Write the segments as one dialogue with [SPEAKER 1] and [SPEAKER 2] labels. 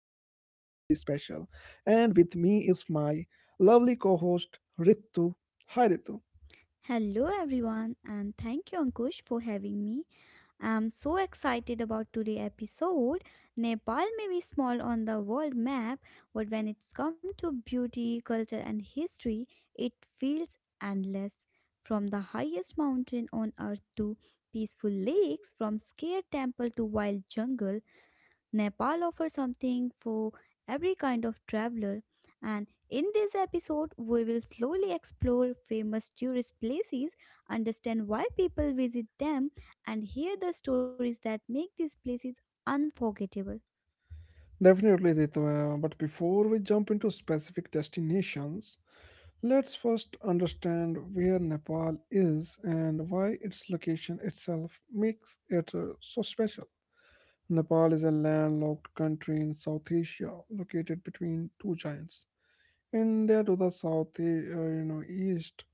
[SPEAKER 1] me is my lovely co host, Ritu. Hi, Ritu.
[SPEAKER 2] Hello everyone and thank you Ankush for having me. I'm so excited about today's episode. Nepal may be small on the world map, but when it's come to beauty, culture and history, it feels endless. From the highest mountain on earth to peaceful lakes, from scared temple to wild jungle, Nepal offers something for every kind of traveler, and in this episode, we will slowly explore famous tourist places, understand why people visit them, and hear the stories that make these places unforgettable.
[SPEAKER 1] Definitely, Ritu. But before we jump into specific destinations, let's first understand where Nepal is and why its location itself makes it so special. Nepal is a landlocked country in South Asia, located between two giants. India to the south, east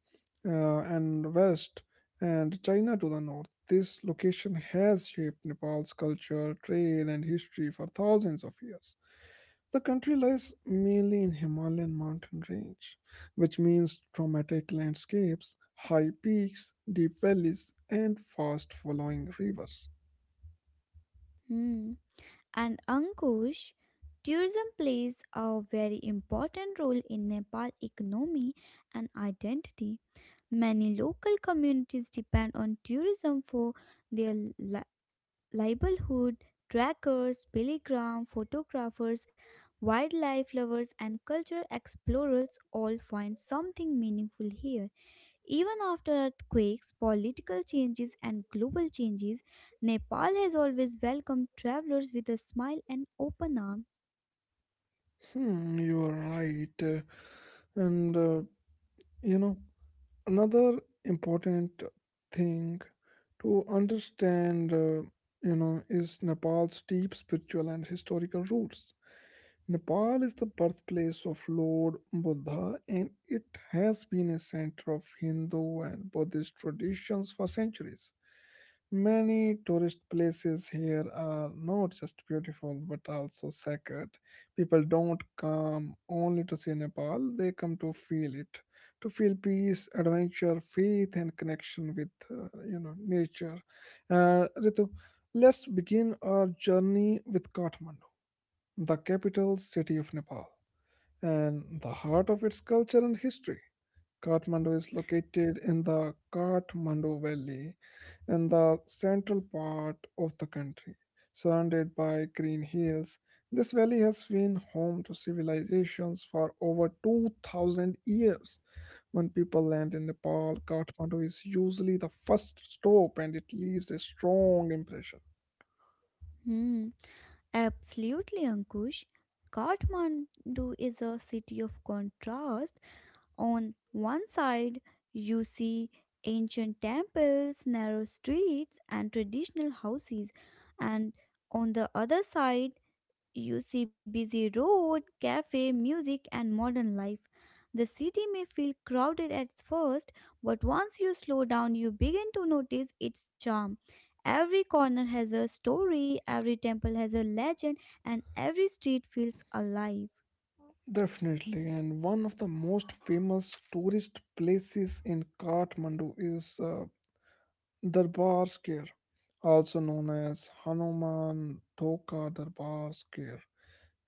[SPEAKER 1] and west, and China to the north. This location has shaped Nepal's culture, trade, and history for thousands of years. The country lies mainly in Himalayan mountain range, which means traumatic landscapes, high peaks, deep valleys, and fast flowing rivers.
[SPEAKER 2] Hmm. And Ankush, tourism plays a very important role in Nepal economy and identity. Many local communities depend on tourism for their Libelhood, trackers, pilgrims, photographers, wildlife lovers, and cultural explorers all find something meaningful here. Even after earthquakes, political changes, and global changes, Nepal has always welcomed travelers with a smile and open arms.
[SPEAKER 1] Hmm, you are right. And uh, you know, Another important thing to understand, is Nepal's deep spiritual and historical roots. Nepal is the birthplace of Lord Buddha and it has been a center of Hindu and Buddhist traditions for centuries. Many tourist places here are not just beautiful but also sacred. People don't come only to see Nepal, they come to feel it, to feel peace, adventure, faith and connection with nature. Ritu, let's begin our journey with Kathmandu, the capital city of Nepal and the heart of its culture and history. Kathmandu is located in the Kathmandu Valley in the central part of the country. Surrounded by green hills, this valley has been home to civilizations for over 2000 years. When people land in Nepal, Kathmandu is usually the first stop and it leaves a strong impression.
[SPEAKER 2] Hmm. Absolutely, Ankush. Kathmandu is a city of contrast. On one side, you see ancient temples, narrow streets, and traditional houses, and on the other side, you see busy road, cafe, music, and modern life. The city may feel crowded at first, but once you slow down, you begin to notice its charm. Every corner has a story, every temple has a legend, and every street feels alive.
[SPEAKER 1] Definitely, and one of the most famous tourist places in Kathmandu is Darbar Square, also known as Hanuman Thoka Darbar Square.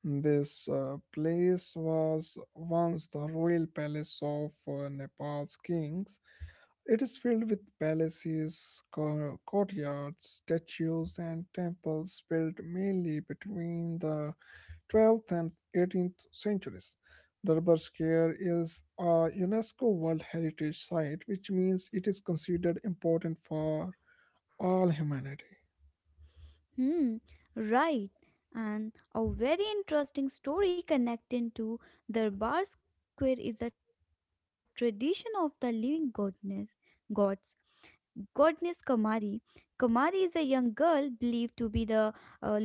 [SPEAKER 1] This place was once the royal palace of Nepal's kings. It is filled with palaces, courtyards, statues, and temples built mainly between the 12th and 18th centuries. Durbar Square is a UNESCO World Heritage Site, which means it is considered important for all humanity.
[SPEAKER 2] Hmm, right. And a very interesting story connecting to Darbar Square is the tradition of the living goddess, gods goddess Kamari. Kamari is a young girl believed to be the living form of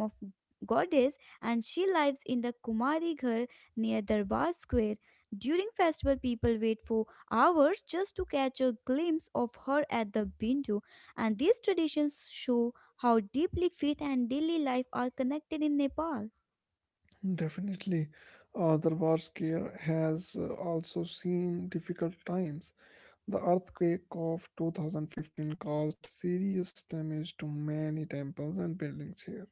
[SPEAKER 2] goddess, and she lives in the Kumari Ghar near Darbar Square. During festival, people wait for hours just to catch a glimpse of her at the window, and these traditions show how deeply faith and daily life are connected in Nepal.
[SPEAKER 1] Definitely, Darbar Square has also seen difficult times. The earthquake of 2015 caused serious damage to many temples and buildings here.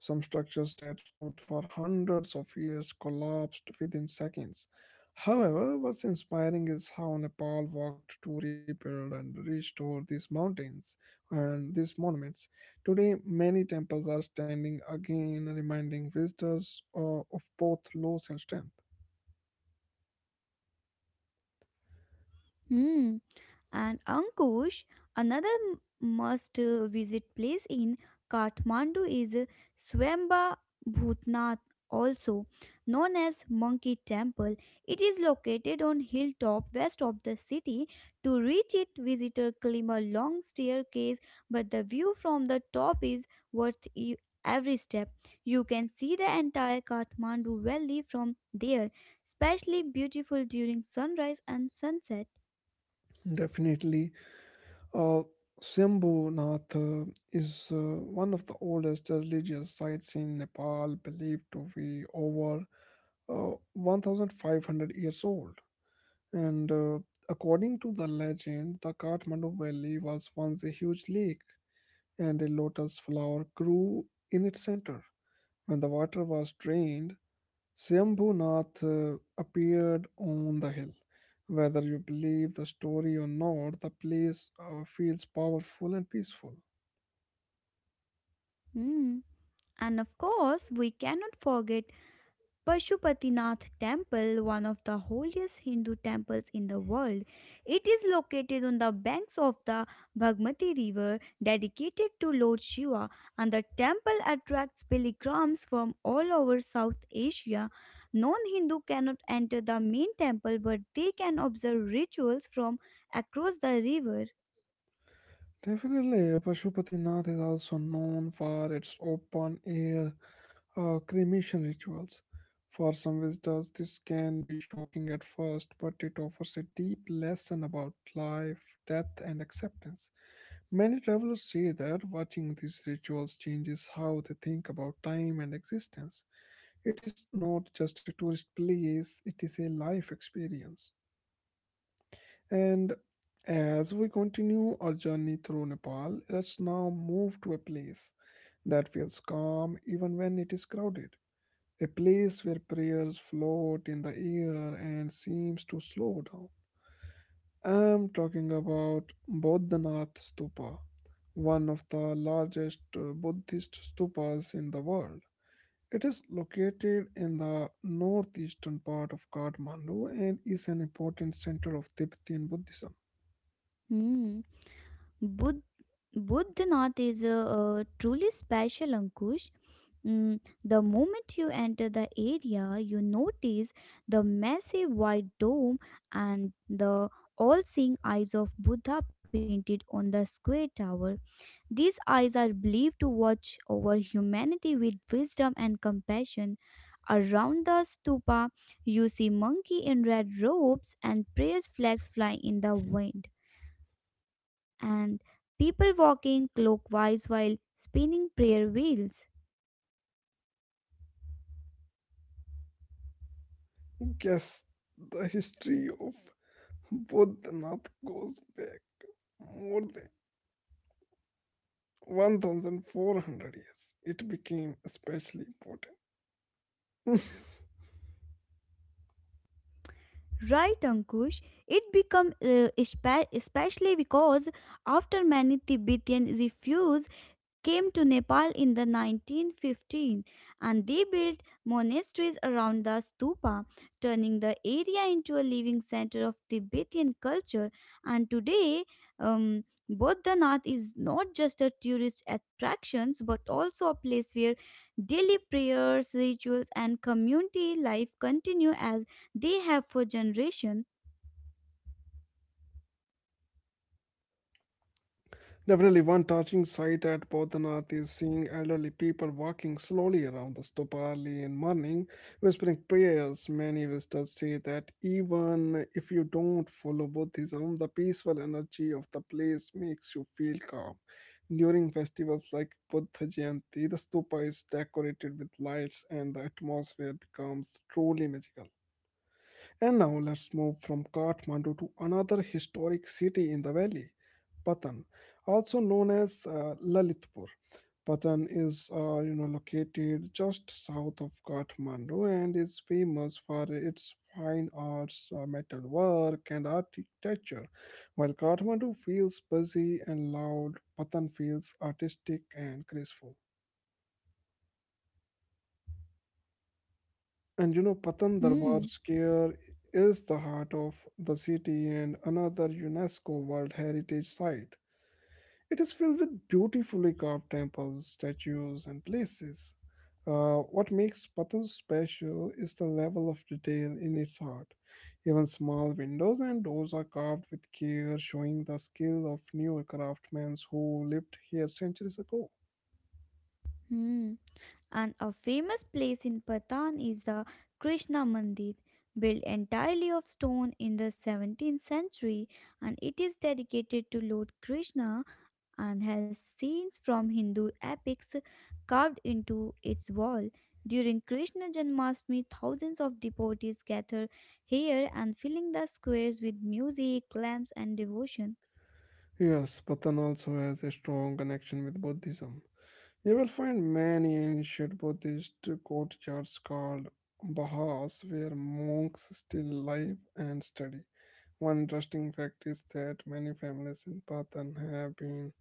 [SPEAKER 1] Some structures that stood for hundreds of years collapsed within seconds. However, what's inspiring is how Nepal worked to rebuild and restore these mountains and these monuments. Today, many temples are standing again, reminding visitors of both loss and strength.
[SPEAKER 2] Hmm. And Ankush, another must visit place in Kathmandu is Swamba Bhutnath, also known as Monkey Temple. It is located on hilltop west of the city. To reach it, visitor climb a long staircase, but the view from the top is worth every step. You can see the entire Kathmandu Valley from there, especially beautiful during sunrise and sunset.
[SPEAKER 1] Definitely. Uh, Shambhunath is one of the oldest religious sites in Nepal, believed to be over 1500 years old. And according to the legend, the Kathmandu Valley was once a huge lake, and a lotus flower grew in its center. When the water was drained, Swambhunath appeared on the hill. Whether you believe the story or not, the place feels powerful and peaceful.
[SPEAKER 2] Hmm. And of course, we cannot forget Pashupatinath Temple, one of the holiest Hindu temples in the world. It is located on the banks of the Bhagmati River, dedicated to Lord Shiva, and the temple attracts pilgrims from all over South Asia. Non Hindu cannot enter the main temple, but they can observe rituals from across the river.
[SPEAKER 1] Definitely, Pashupatinath is also known for its open air cremation rituals. For some visitors, this can be shocking at first, but it offers a deep lesson about life, death, and acceptance. Many travelers say that watching these rituals changes how they think about time and existence. It is not just a tourist place, it is a life experience. And as we continue our journey through Nepal, let's now move to a place that feels calm even when it is crowded, a place where prayers float in the air and seems to slow down. I'm talking about Bodhanath Stupa, one of the largest Buddhist stupas in the world. It is located in the northeastern part of Kathmandu and is an important center of Tibetan Buddhism.
[SPEAKER 2] Hmm. Budh- Budhanath is truly special, Ankush. Mm, the moment you enter the area, you notice the massive white dome and the all seeing eyes of Buddha painted on the square tower. These eyes are believed to watch over humanity with wisdom and compassion. Around the stupa, you see monkey in red robes and prayer flags flying in the wind and people walking clockwise while spinning prayer wheels.
[SPEAKER 1] Yes, the history of Bodhanath goes back more than 1400 years. It became especially important.
[SPEAKER 2] Right, Ankush. It become especially because after many Tibetan refuse came to Nepal in the 1915 and they built monasteries around the stupa, turning the area into a living center of Tibetan culture. And today, um, Bodhanath is not just a tourist attraction but also a place where daily prayers, rituals, and community life continue as they have for generations.
[SPEAKER 1] Definitely, one touching sight at Bodhanath is seeing elderly people walking slowly around the stupa early in morning, whispering prayers. Many visitors say that even if you don't follow Buddhism, the peaceful energy of the place makes you feel calm. During festivals like Buddha Jayanti, the stupa is decorated with lights and the atmosphere becomes truly magical. And now let's move from Kathmandu to another historic city in the valley, Patan, also known as Lalitpur. Patan is, located just south of Kathmandu and is famous for its fine arts, metalwork, and architecture. While Kathmandu feels busy and loud, Patan feels artistic and graceful. And you know, Patan Darbar
[SPEAKER 2] Hmm.
[SPEAKER 1] Square is the heart of the city and another UNESCO World Heritage Site. It is filled with beautifully carved temples, statues, and places. What makes Patan special is the level of detail in its art. Even small windows and doors are carved with care, showing the skill of newer craftsmen who lived here centuries ago.
[SPEAKER 2] Hmm. And a famous place in Patan is the Krishna Mandir, built entirely of stone in the 17th century, and it is dedicated to Lord Krishna and has scenes from Hindu epics carved into its wall. During Krishna Janmashtami, thousands of devotees gather here and filling the squares with music, lamps, and devotion.
[SPEAKER 1] Yes, Patan also has a strong connection with Buddhism. You will find many ancient Buddhist courtyards called bahas where monks still live and study. One interesting fact is that many families in Patan have been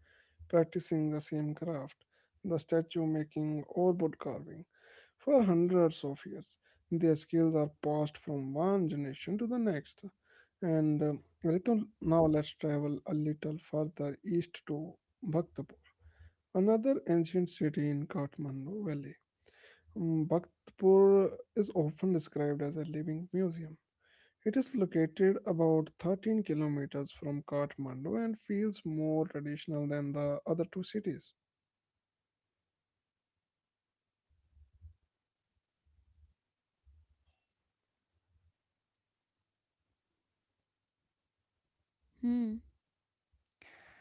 [SPEAKER 1] practicing the same craft, the statue making or wood carving, for hundreds of years. Their skills are passed from one generation to the next. And Ritu, now let's travel a little further east to Bhaktapur. Another ancient city in Kathmandu Valley, Bhaktapur is often described as a living museum. It is located about 13 kilometers from Kathmandu and feels more traditional than the other two cities.
[SPEAKER 2] Hmm.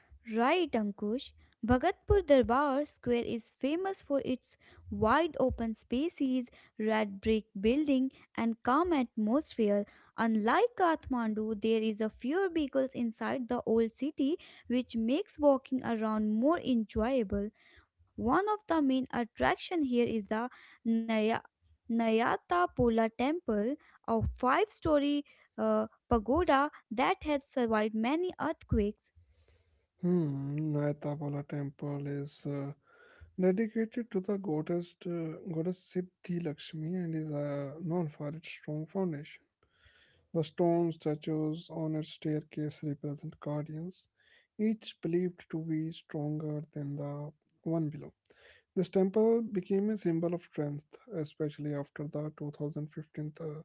[SPEAKER 2] Right, Ankush. Bhagatpur Darbar Square is famous for its wide open spaces, red brick building, and calm atmosphere. Unlike Kathmandu, there is a fewer vehicles inside the old city, which makes walking around more enjoyable. One of the main attraction here is the Naya Nayata Pola Temple, a five-story uh, pagoda that has survived many earthquakes.
[SPEAKER 1] Hmm, Naitabola temple is dedicated to the goddess, goddess Siddhi Lakshmi and is known for its strong foundation. The stone statues on its staircase represent guardians, each believed to be stronger than the one below. This temple became a symbol of strength, especially after the 2015 uh,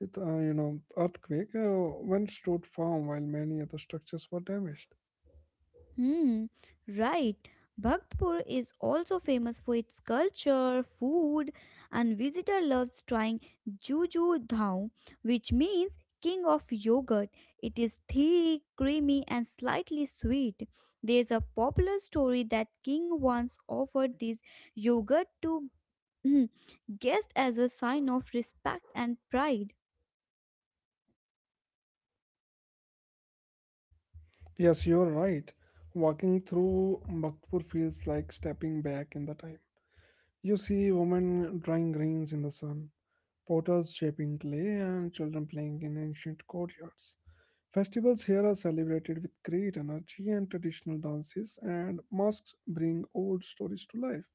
[SPEAKER 1] it, uh, you know, earthquake, when stood firm while many other structures were damaged.
[SPEAKER 2] Hmm, right. Bhaktpur is also famous for its culture, food, and visitor loves trying Juju Dhao, which means king of yogurt. It is thick, creamy, and slightly sweet. There's a popular story that king once offered this yogurt to guests as a sign of respect and pride.
[SPEAKER 1] Yes, you're right. Walking through Bhaktpur feels like stepping back in the time. You see women drying grains in the sun, potters shaping clay, and children playing in ancient courtyards. Festivals here are celebrated with great energy and traditional dances, and mosques bring old stories to life.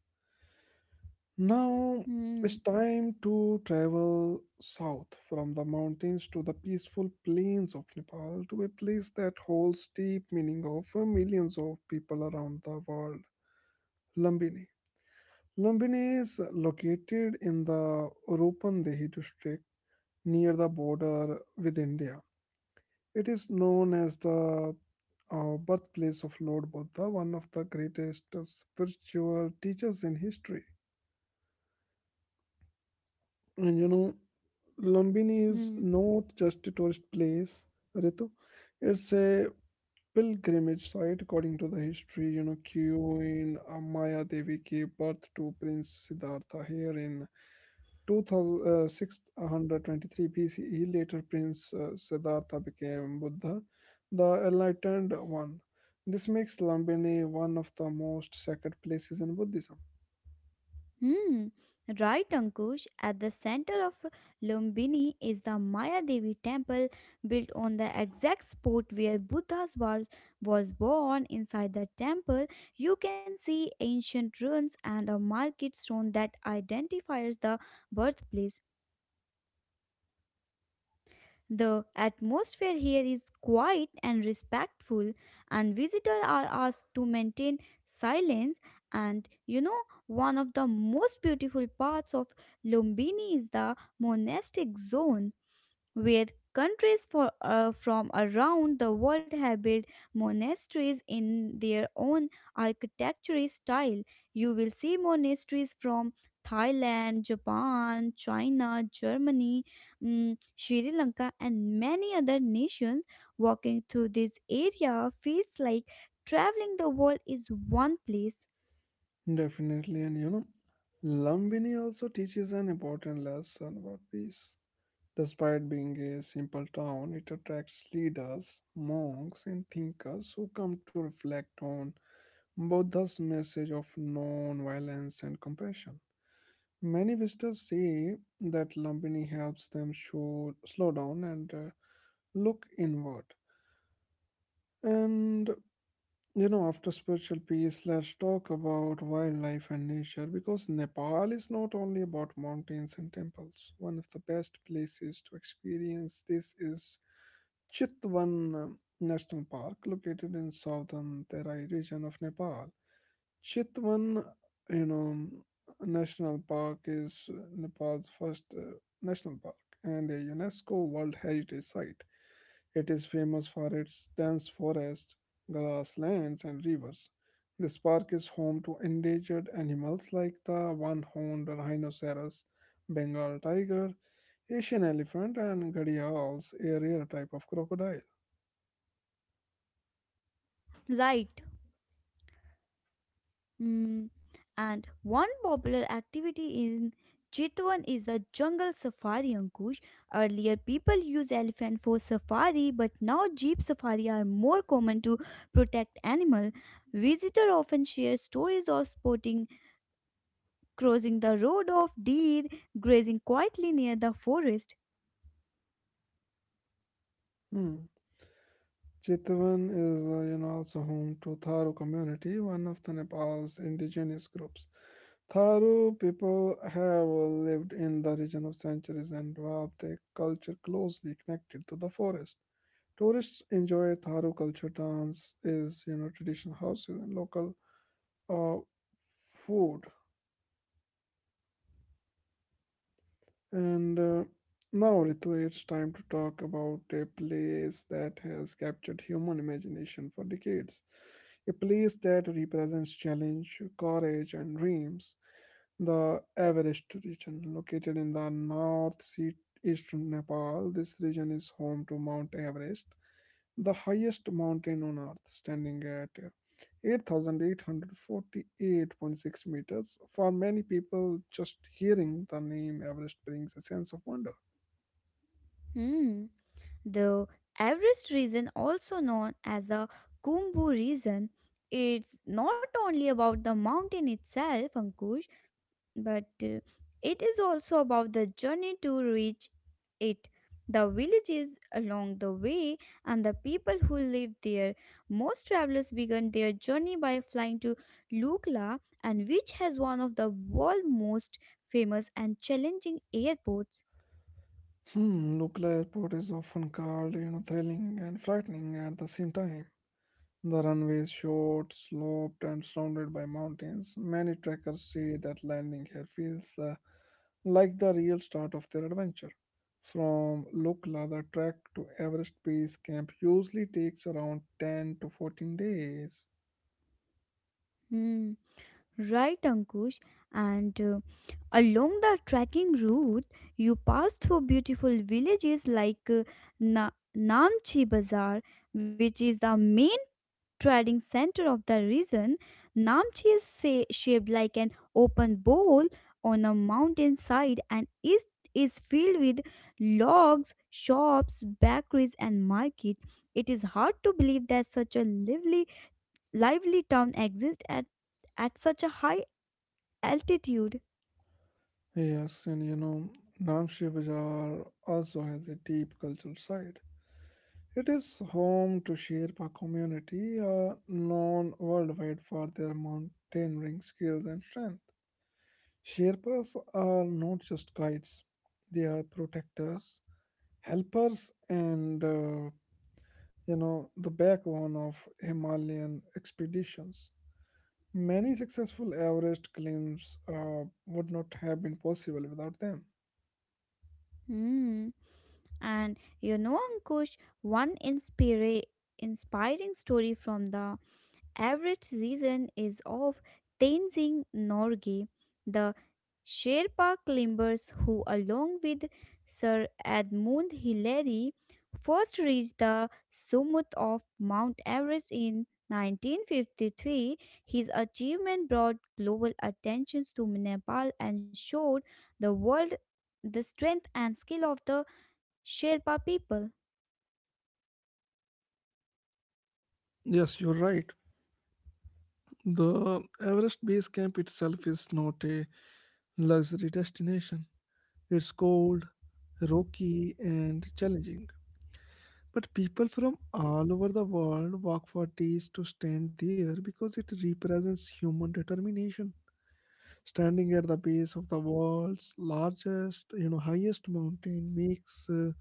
[SPEAKER 1] Now it's
[SPEAKER 2] Hmm.
[SPEAKER 1] time to travel south from the mountains to the peaceful plains of Nepal to a place that holds deep meaning of millions of people around the world, Lumbini. Lumbini is located in the Rupandehi district near the border with India. It is known as the birthplace of Lord Buddha, one of the greatest spiritual teachers in history. And you know, Lumbini is
[SPEAKER 2] hmm.
[SPEAKER 1] not just a tourist place, Ritu. It's a pilgrimage site according to the history. You know, Queen Maya Devi gave birth to Prince Siddhartha here in 2623 BCE. Later, Prince Siddhartha became Buddha, the enlightened one. This makes Lumbini one of the most sacred places in Buddhism.
[SPEAKER 2] Hmm, right, Ankush. At the center of Lumbini is the Maya Devi temple built on the exact spot where was born. Inside the temple, you can see ancient ruins and a market stone that identifies the birthplace. The atmosphere here is quiet and respectful, and visitors are asked to maintain silence. And you know, one of the most beautiful parts of Lumbini is the monastic zone where countries from around the world have built monasteries in their own architecture style. You will see monasteries from Thailand, Japan, China, Germany, mm, Sri Lanka, and many other nations. Walking through this area feels like traveling the world is one place.
[SPEAKER 1] Definitely, and you know, Lumbini also teaches an important lesson about peace. Despite being a simple town, it attracts leaders, monks, and thinkers who come to reflect on Buddha's message of non-violence and compassion. Many visitors say that Lumbini helps them show, slow down and look inward. And you know, after spiritual peace, let's talk about wildlife and nature because Nepal is not only about mountains and temples. One of the best places to experience this is Chitwan National Park, located in southern Terai region of Nepal. Chitwan, you know, National Park is Nepal's first national park and a UNESCO World Heritage Site. It is famous for its dense forests, grasslands, and rivers. This park is home to endangered animals like the one horned rhinoceros, Bengal tiger, Asian elephant, and gharials, a rare type of crocodile.
[SPEAKER 2] Right? Mm, and one popular activity in Chitwan is the jungle safari, Ankush. Earlier, people used elephant for safari, but now jeep safari are more common to protect animal. Visitor often share stories of spotting crossing the road of deer grazing quietly near the forest.
[SPEAKER 1] Hmm. Chitwan is, also home to Tharu community, one of the Nepal's indigenous groups. Tharu people have lived in the region of centuries and developed a culture closely connected to the forest. Tourists enjoy Tharu culture dance, is you know traditional houses and local uh, food. And now, Ritu, it's time to talk about a place that has captured human imagination for decades. A place that represents challenge, courage, and dreams. The Everest region, located in the north sea eastern Nepal, this region is home to Mount Everest, the highest mountain on earth, standing at 8,848.6 meters. For many people, just hearing the name Everest brings a sense of wonder.
[SPEAKER 2] Hmm. The Everest region, also known as the Kumbu region, it's not only about the mountain itself, Ankush, but it is also about the journey to reach it, the villages along the way and the people who live there. Most travelers began their journey by flying to lukla and which has one of the world's most famous and challenging airports.
[SPEAKER 1] Hmm, Lukla Airport is often called, you know, thrilling and frightening at the same time. The runway is short, sloped, and surrounded by mountains. Many trekkers say that landing here feels like the real start of their adventure. From Lukla, the trek to Everest Base Camp usually takes around 10 to 14 days.
[SPEAKER 2] Hmm right, Ankush. And along the trekking route you pass through beautiful villages like Na- namchi bazaar, which is the main trading center of the region. Namchi is shaped like an open bowl on a mountainside and is filled with logs, shops, bakeries, and market. It is hard to believe that such a lively town exists at such a high altitude.
[SPEAKER 1] Yes, and you know, Namshi Bazaar also has a deep cultural side. It is home to Sherpa community, known worldwide for their mountaineering skills and strength. Sherpas are not just guides; they are protectors, helpers, and you know the backbone of Himalayan expeditions. Many successful Everest climbs would not have been possible without them.
[SPEAKER 2] Hmm. And you know, Ankush, one inspiring story from the average season is of Tenzing Norgay, the Sherpa climbers who, along with Sir Edmund Hillary, first reached the summit of Mount Everest in 1953. His achievement brought global attention to Nepal and showed the world the strength and skill of the Sherpa people.
[SPEAKER 1] Yes, you're right. The Everest Base Camp itself is not a luxury destination. It's cold, rocky, and challenging. But people from all over the world walk for days to stand there because it represents human determination. Standing at the base of the world's largest, you know, highest mountain makes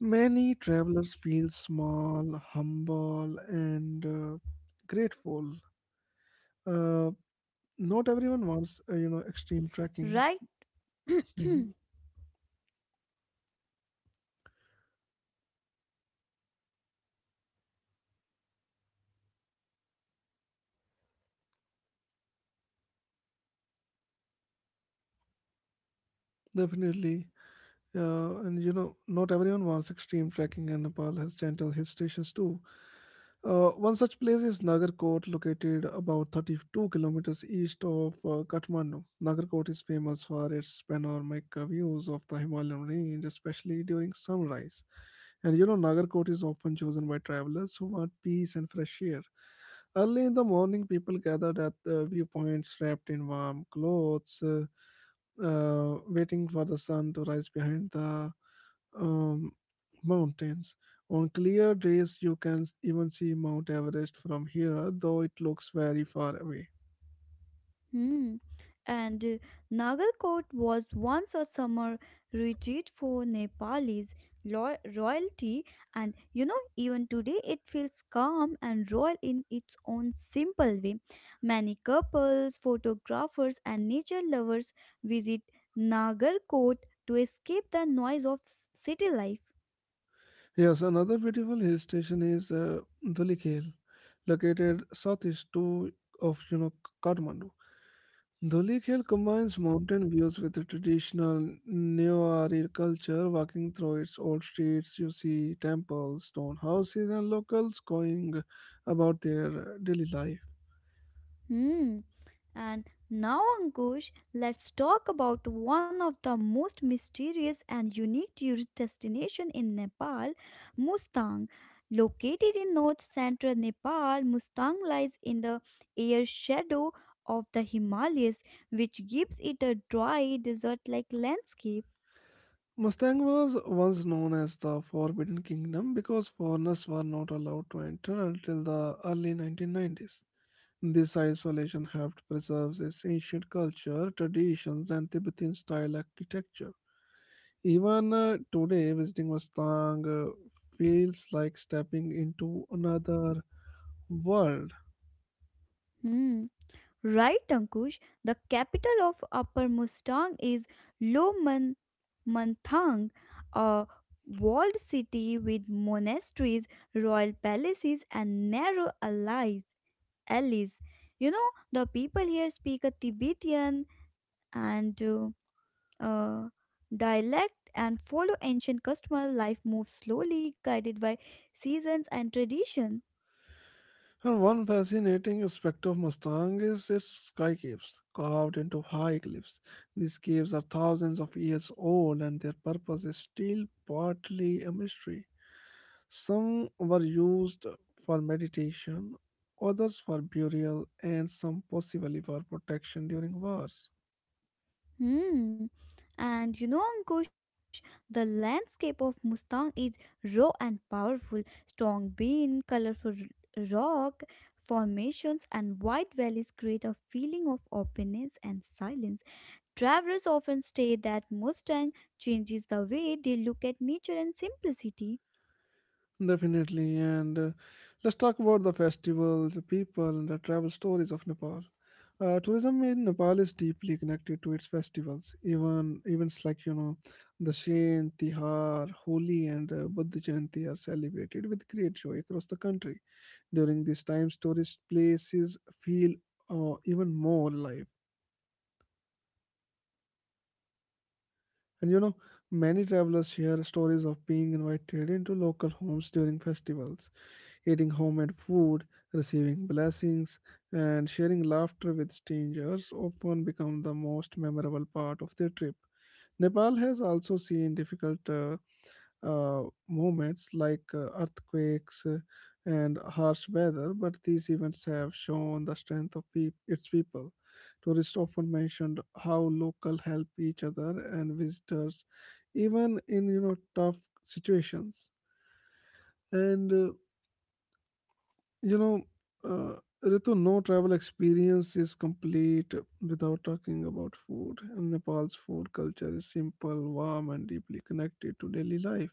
[SPEAKER 1] many travelers feel small, humble, and grateful. Uh, Not everyone wants, you know,
[SPEAKER 2] Right?
[SPEAKER 1] extreme trekking. Mhm. Definitely. And you know, not everyone wants extreme trekking, and Nepal has gentle hill stations too. One such place is Nagarkot, located about 32 kilometers east of Kathmandu. Nagarkot is famous for its panoramic views of the Himalayan range, especially during sunrise. And you know, Nagarkot is often chosen by travelers who want peace and fresh air. Early in the morning, people gathered at the viewpoints wrapped in warm clothes, waiting for the sun to rise behind the um, mountains. On clear days, you can even see Mount Everest from here, though it looks very far away.
[SPEAKER 2] Hmm. And Nagalkot was once a summer retreat for Nepalis royalty, and you know, even today it feels calm and royal in its own simple way. Many couples, photographers, and nature lovers visit Nagarkot to escape the noise of city life.
[SPEAKER 1] Yes, another beautiful hill station is Dhulikhel, located southeast to of you know Kathmandu. Dulik Hill combines mountain views with the traditional Neo-Ari culture. Walking through its old streets, you see temples, stone houses, and locals going about their daily life.
[SPEAKER 2] Hmm. And now, Ankush, let's talk about one of the most mysterious and unique tourist destination in Nepal, Mustang. Located in north central Nepal, Mustang lies in the air shadow of the Himalayas, which gives it a dry, desert-like landscape.
[SPEAKER 1] Mustang was once known as the Forbidden Kingdom because foreigners were not allowed to enter until the early 1990s. This isolation helped preserve its ancient culture, traditions, and Tibetan-style architecture. Even today, visiting Mustang feels like stepping into another world.
[SPEAKER 2] Hmm. Right, Ankush, the capital of Upper Mustang is Lomanthang, a walled city with monasteries, royal palaces, and narrow alleys. You know, the people here speak a Tibetan and uh, dialect and follow ancient customer. Life moves slowly, guided by seasons and tradition.
[SPEAKER 1] And one fascinating aspect of Mustang is its sky caves, carved into high cliffs. These caves are thousands of years old, and their purpose is still partly a mystery. Some were used for meditation, others for burial, and some possibly for protection during wars.
[SPEAKER 2] Hmm. And you know, Ankush, the landscape of Mustang is raw and powerful. Strong bean, colorful rock formations, and wide valleys create a feeling of openness and silence. Travelers often state that Mustang changes the way they look at nature and simplicity.
[SPEAKER 1] Definitely, and let's talk about the festivals, the people, and the travel stories of Nepal. Tourism in Nepal is deeply connected to its festivals, even events like you know, the Dashain, Tihar, Holi, and Buddha Jayanti are celebrated with great joy across the country. During these times, tourist places feel even more alive. And you know, many travelers share stories of being invited into local homes during festivals, eating homemade food, receiving blessings, and sharing laughter with strangers often become the most memorable part of their trip. Nepal has also seen difficult moments like earthquakes and harsh weather, but these events have shown the strength of peop its people. Tourists often mentioned how local help each other and visitors, even in you know tough situations. And you know, uh, Ritu, no travel experience is complete without talking about food. And Nepal's food culture is simple, warm, and deeply connected to daily life.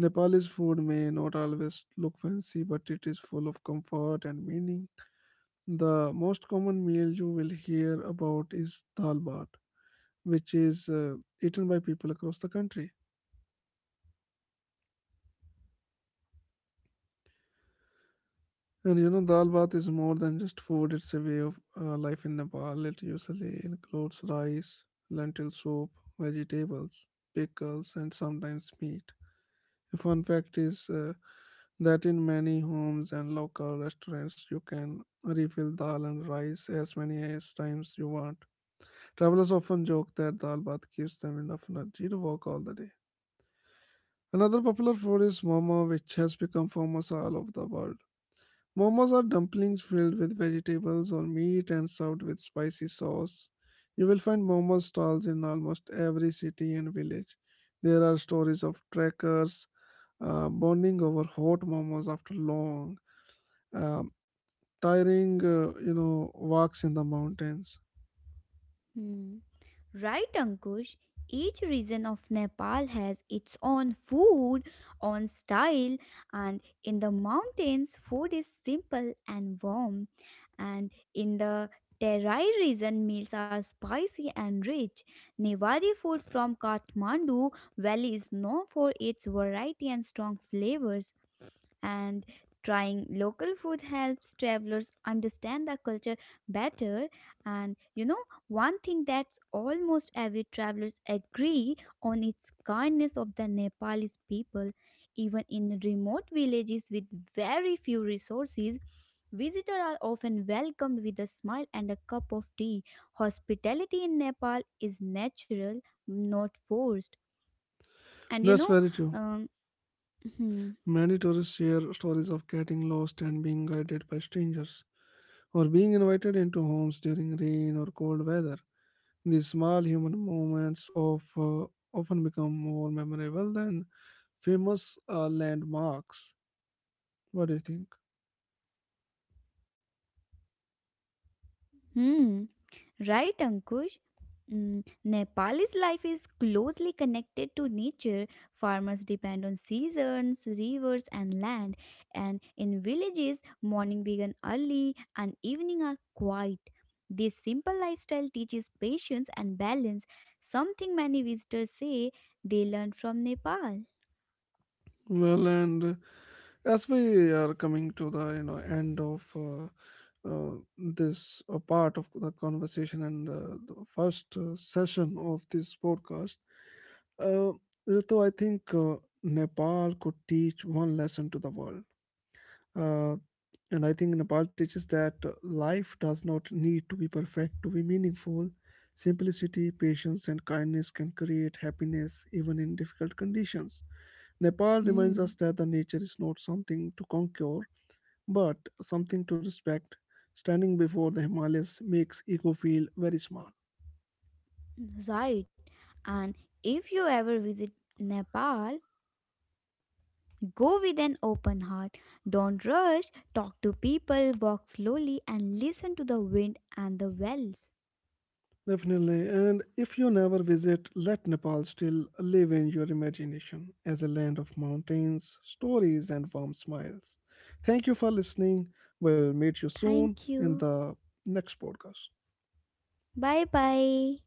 [SPEAKER 1] Nepalese food may not always look fancy, but it is full of comfort and meaning. The most common meal you will hear about is dal bhat, which is eaten by people across the country. And you know, dal bath is more than just food, it's a way of life in Nepal. It usually includes rice, lentil soup, vegetables, pickles, and sometimes meat. A fun fact is that in many homes and local restaurants, you can refill dal and rice as many as times you want. Travelers often joke that dal bath gives them enough energy to walk all the day. Another popular food is momo, which has become famous all over the world. Momos are dumplings filled with vegetables or meat and served with spicy sauce. You will find momo stalls in almost every city and village. There are stories of trekkers bonding over hot momos after long, um, tiring, you know, walks in the mountains.
[SPEAKER 2] Hmm. Right, Ankush? Each region of Nepal has its own food, own style, and in the mountains, food is simple and warm. And in the Terai region, meals are spicy and rich. Nevadi food from Kathmandu Valley is known for its variety and strong flavors, and trying local food helps travelers understand the culture better. And you know, one thing that's almost every travelers agree on its kindness of the nepalese people, even in remote villages with very few resources. Visitors are often welcomed with a smile and a cup of tea. Hospitality in Nepal is natural, not forced. And
[SPEAKER 1] That's very true.
[SPEAKER 2] um, hmm,
[SPEAKER 1] Many tourists share stories of getting lost and being guided by strangers, or being invited into homes during rain or cold weather. These small human moments often become more memorable than famous landmarks. What do you think?
[SPEAKER 2] hmm. Right, Ankush? Mm, Nepal's life is closely connected to nature. Farmers depend on seasons, rivers, and land. And in villages, morning begins early and evening are quiet. This simple lifestyle teaches patience and balance, something many visitors say they learn from Nepal.
[SPEAKER 1] Well, and as we are coming to the you know end of this part of the conversation and the first session of this podcast, uh, Ritu, I think Nepal could teach one lesson to the world. Uh, and I think Nepal teaches that life does not need to be perfect to be meaningful. Simplicity, patience, and kindness can create happiness even in difficult conditions. Nepal reminds us
[SPEAKER 2] Hmm,
[SPEAKER 1] that the nature is not something to conquer, but something to respect. Standing before the Himalayas makes ego feel very small.
[SPEAKER 2] right. And if you ever visit Nepal, go with an open heart. Don't rush. Talk to people, walk slowly, and listen to the wind and the wells.
[SPEAKER 1] Definitely. And if you never visit, let Nepal still live in your imagination as a land of mountains, stories, and warm smiles. Thank you for listening. We'll meet you soon
[SPEAKER 2] Thank
[SPEAKER 1] in
[SPEAKER 2] you.
[SPEAKER 1] the next podcast.
[SPEAKER 2] Bye bye.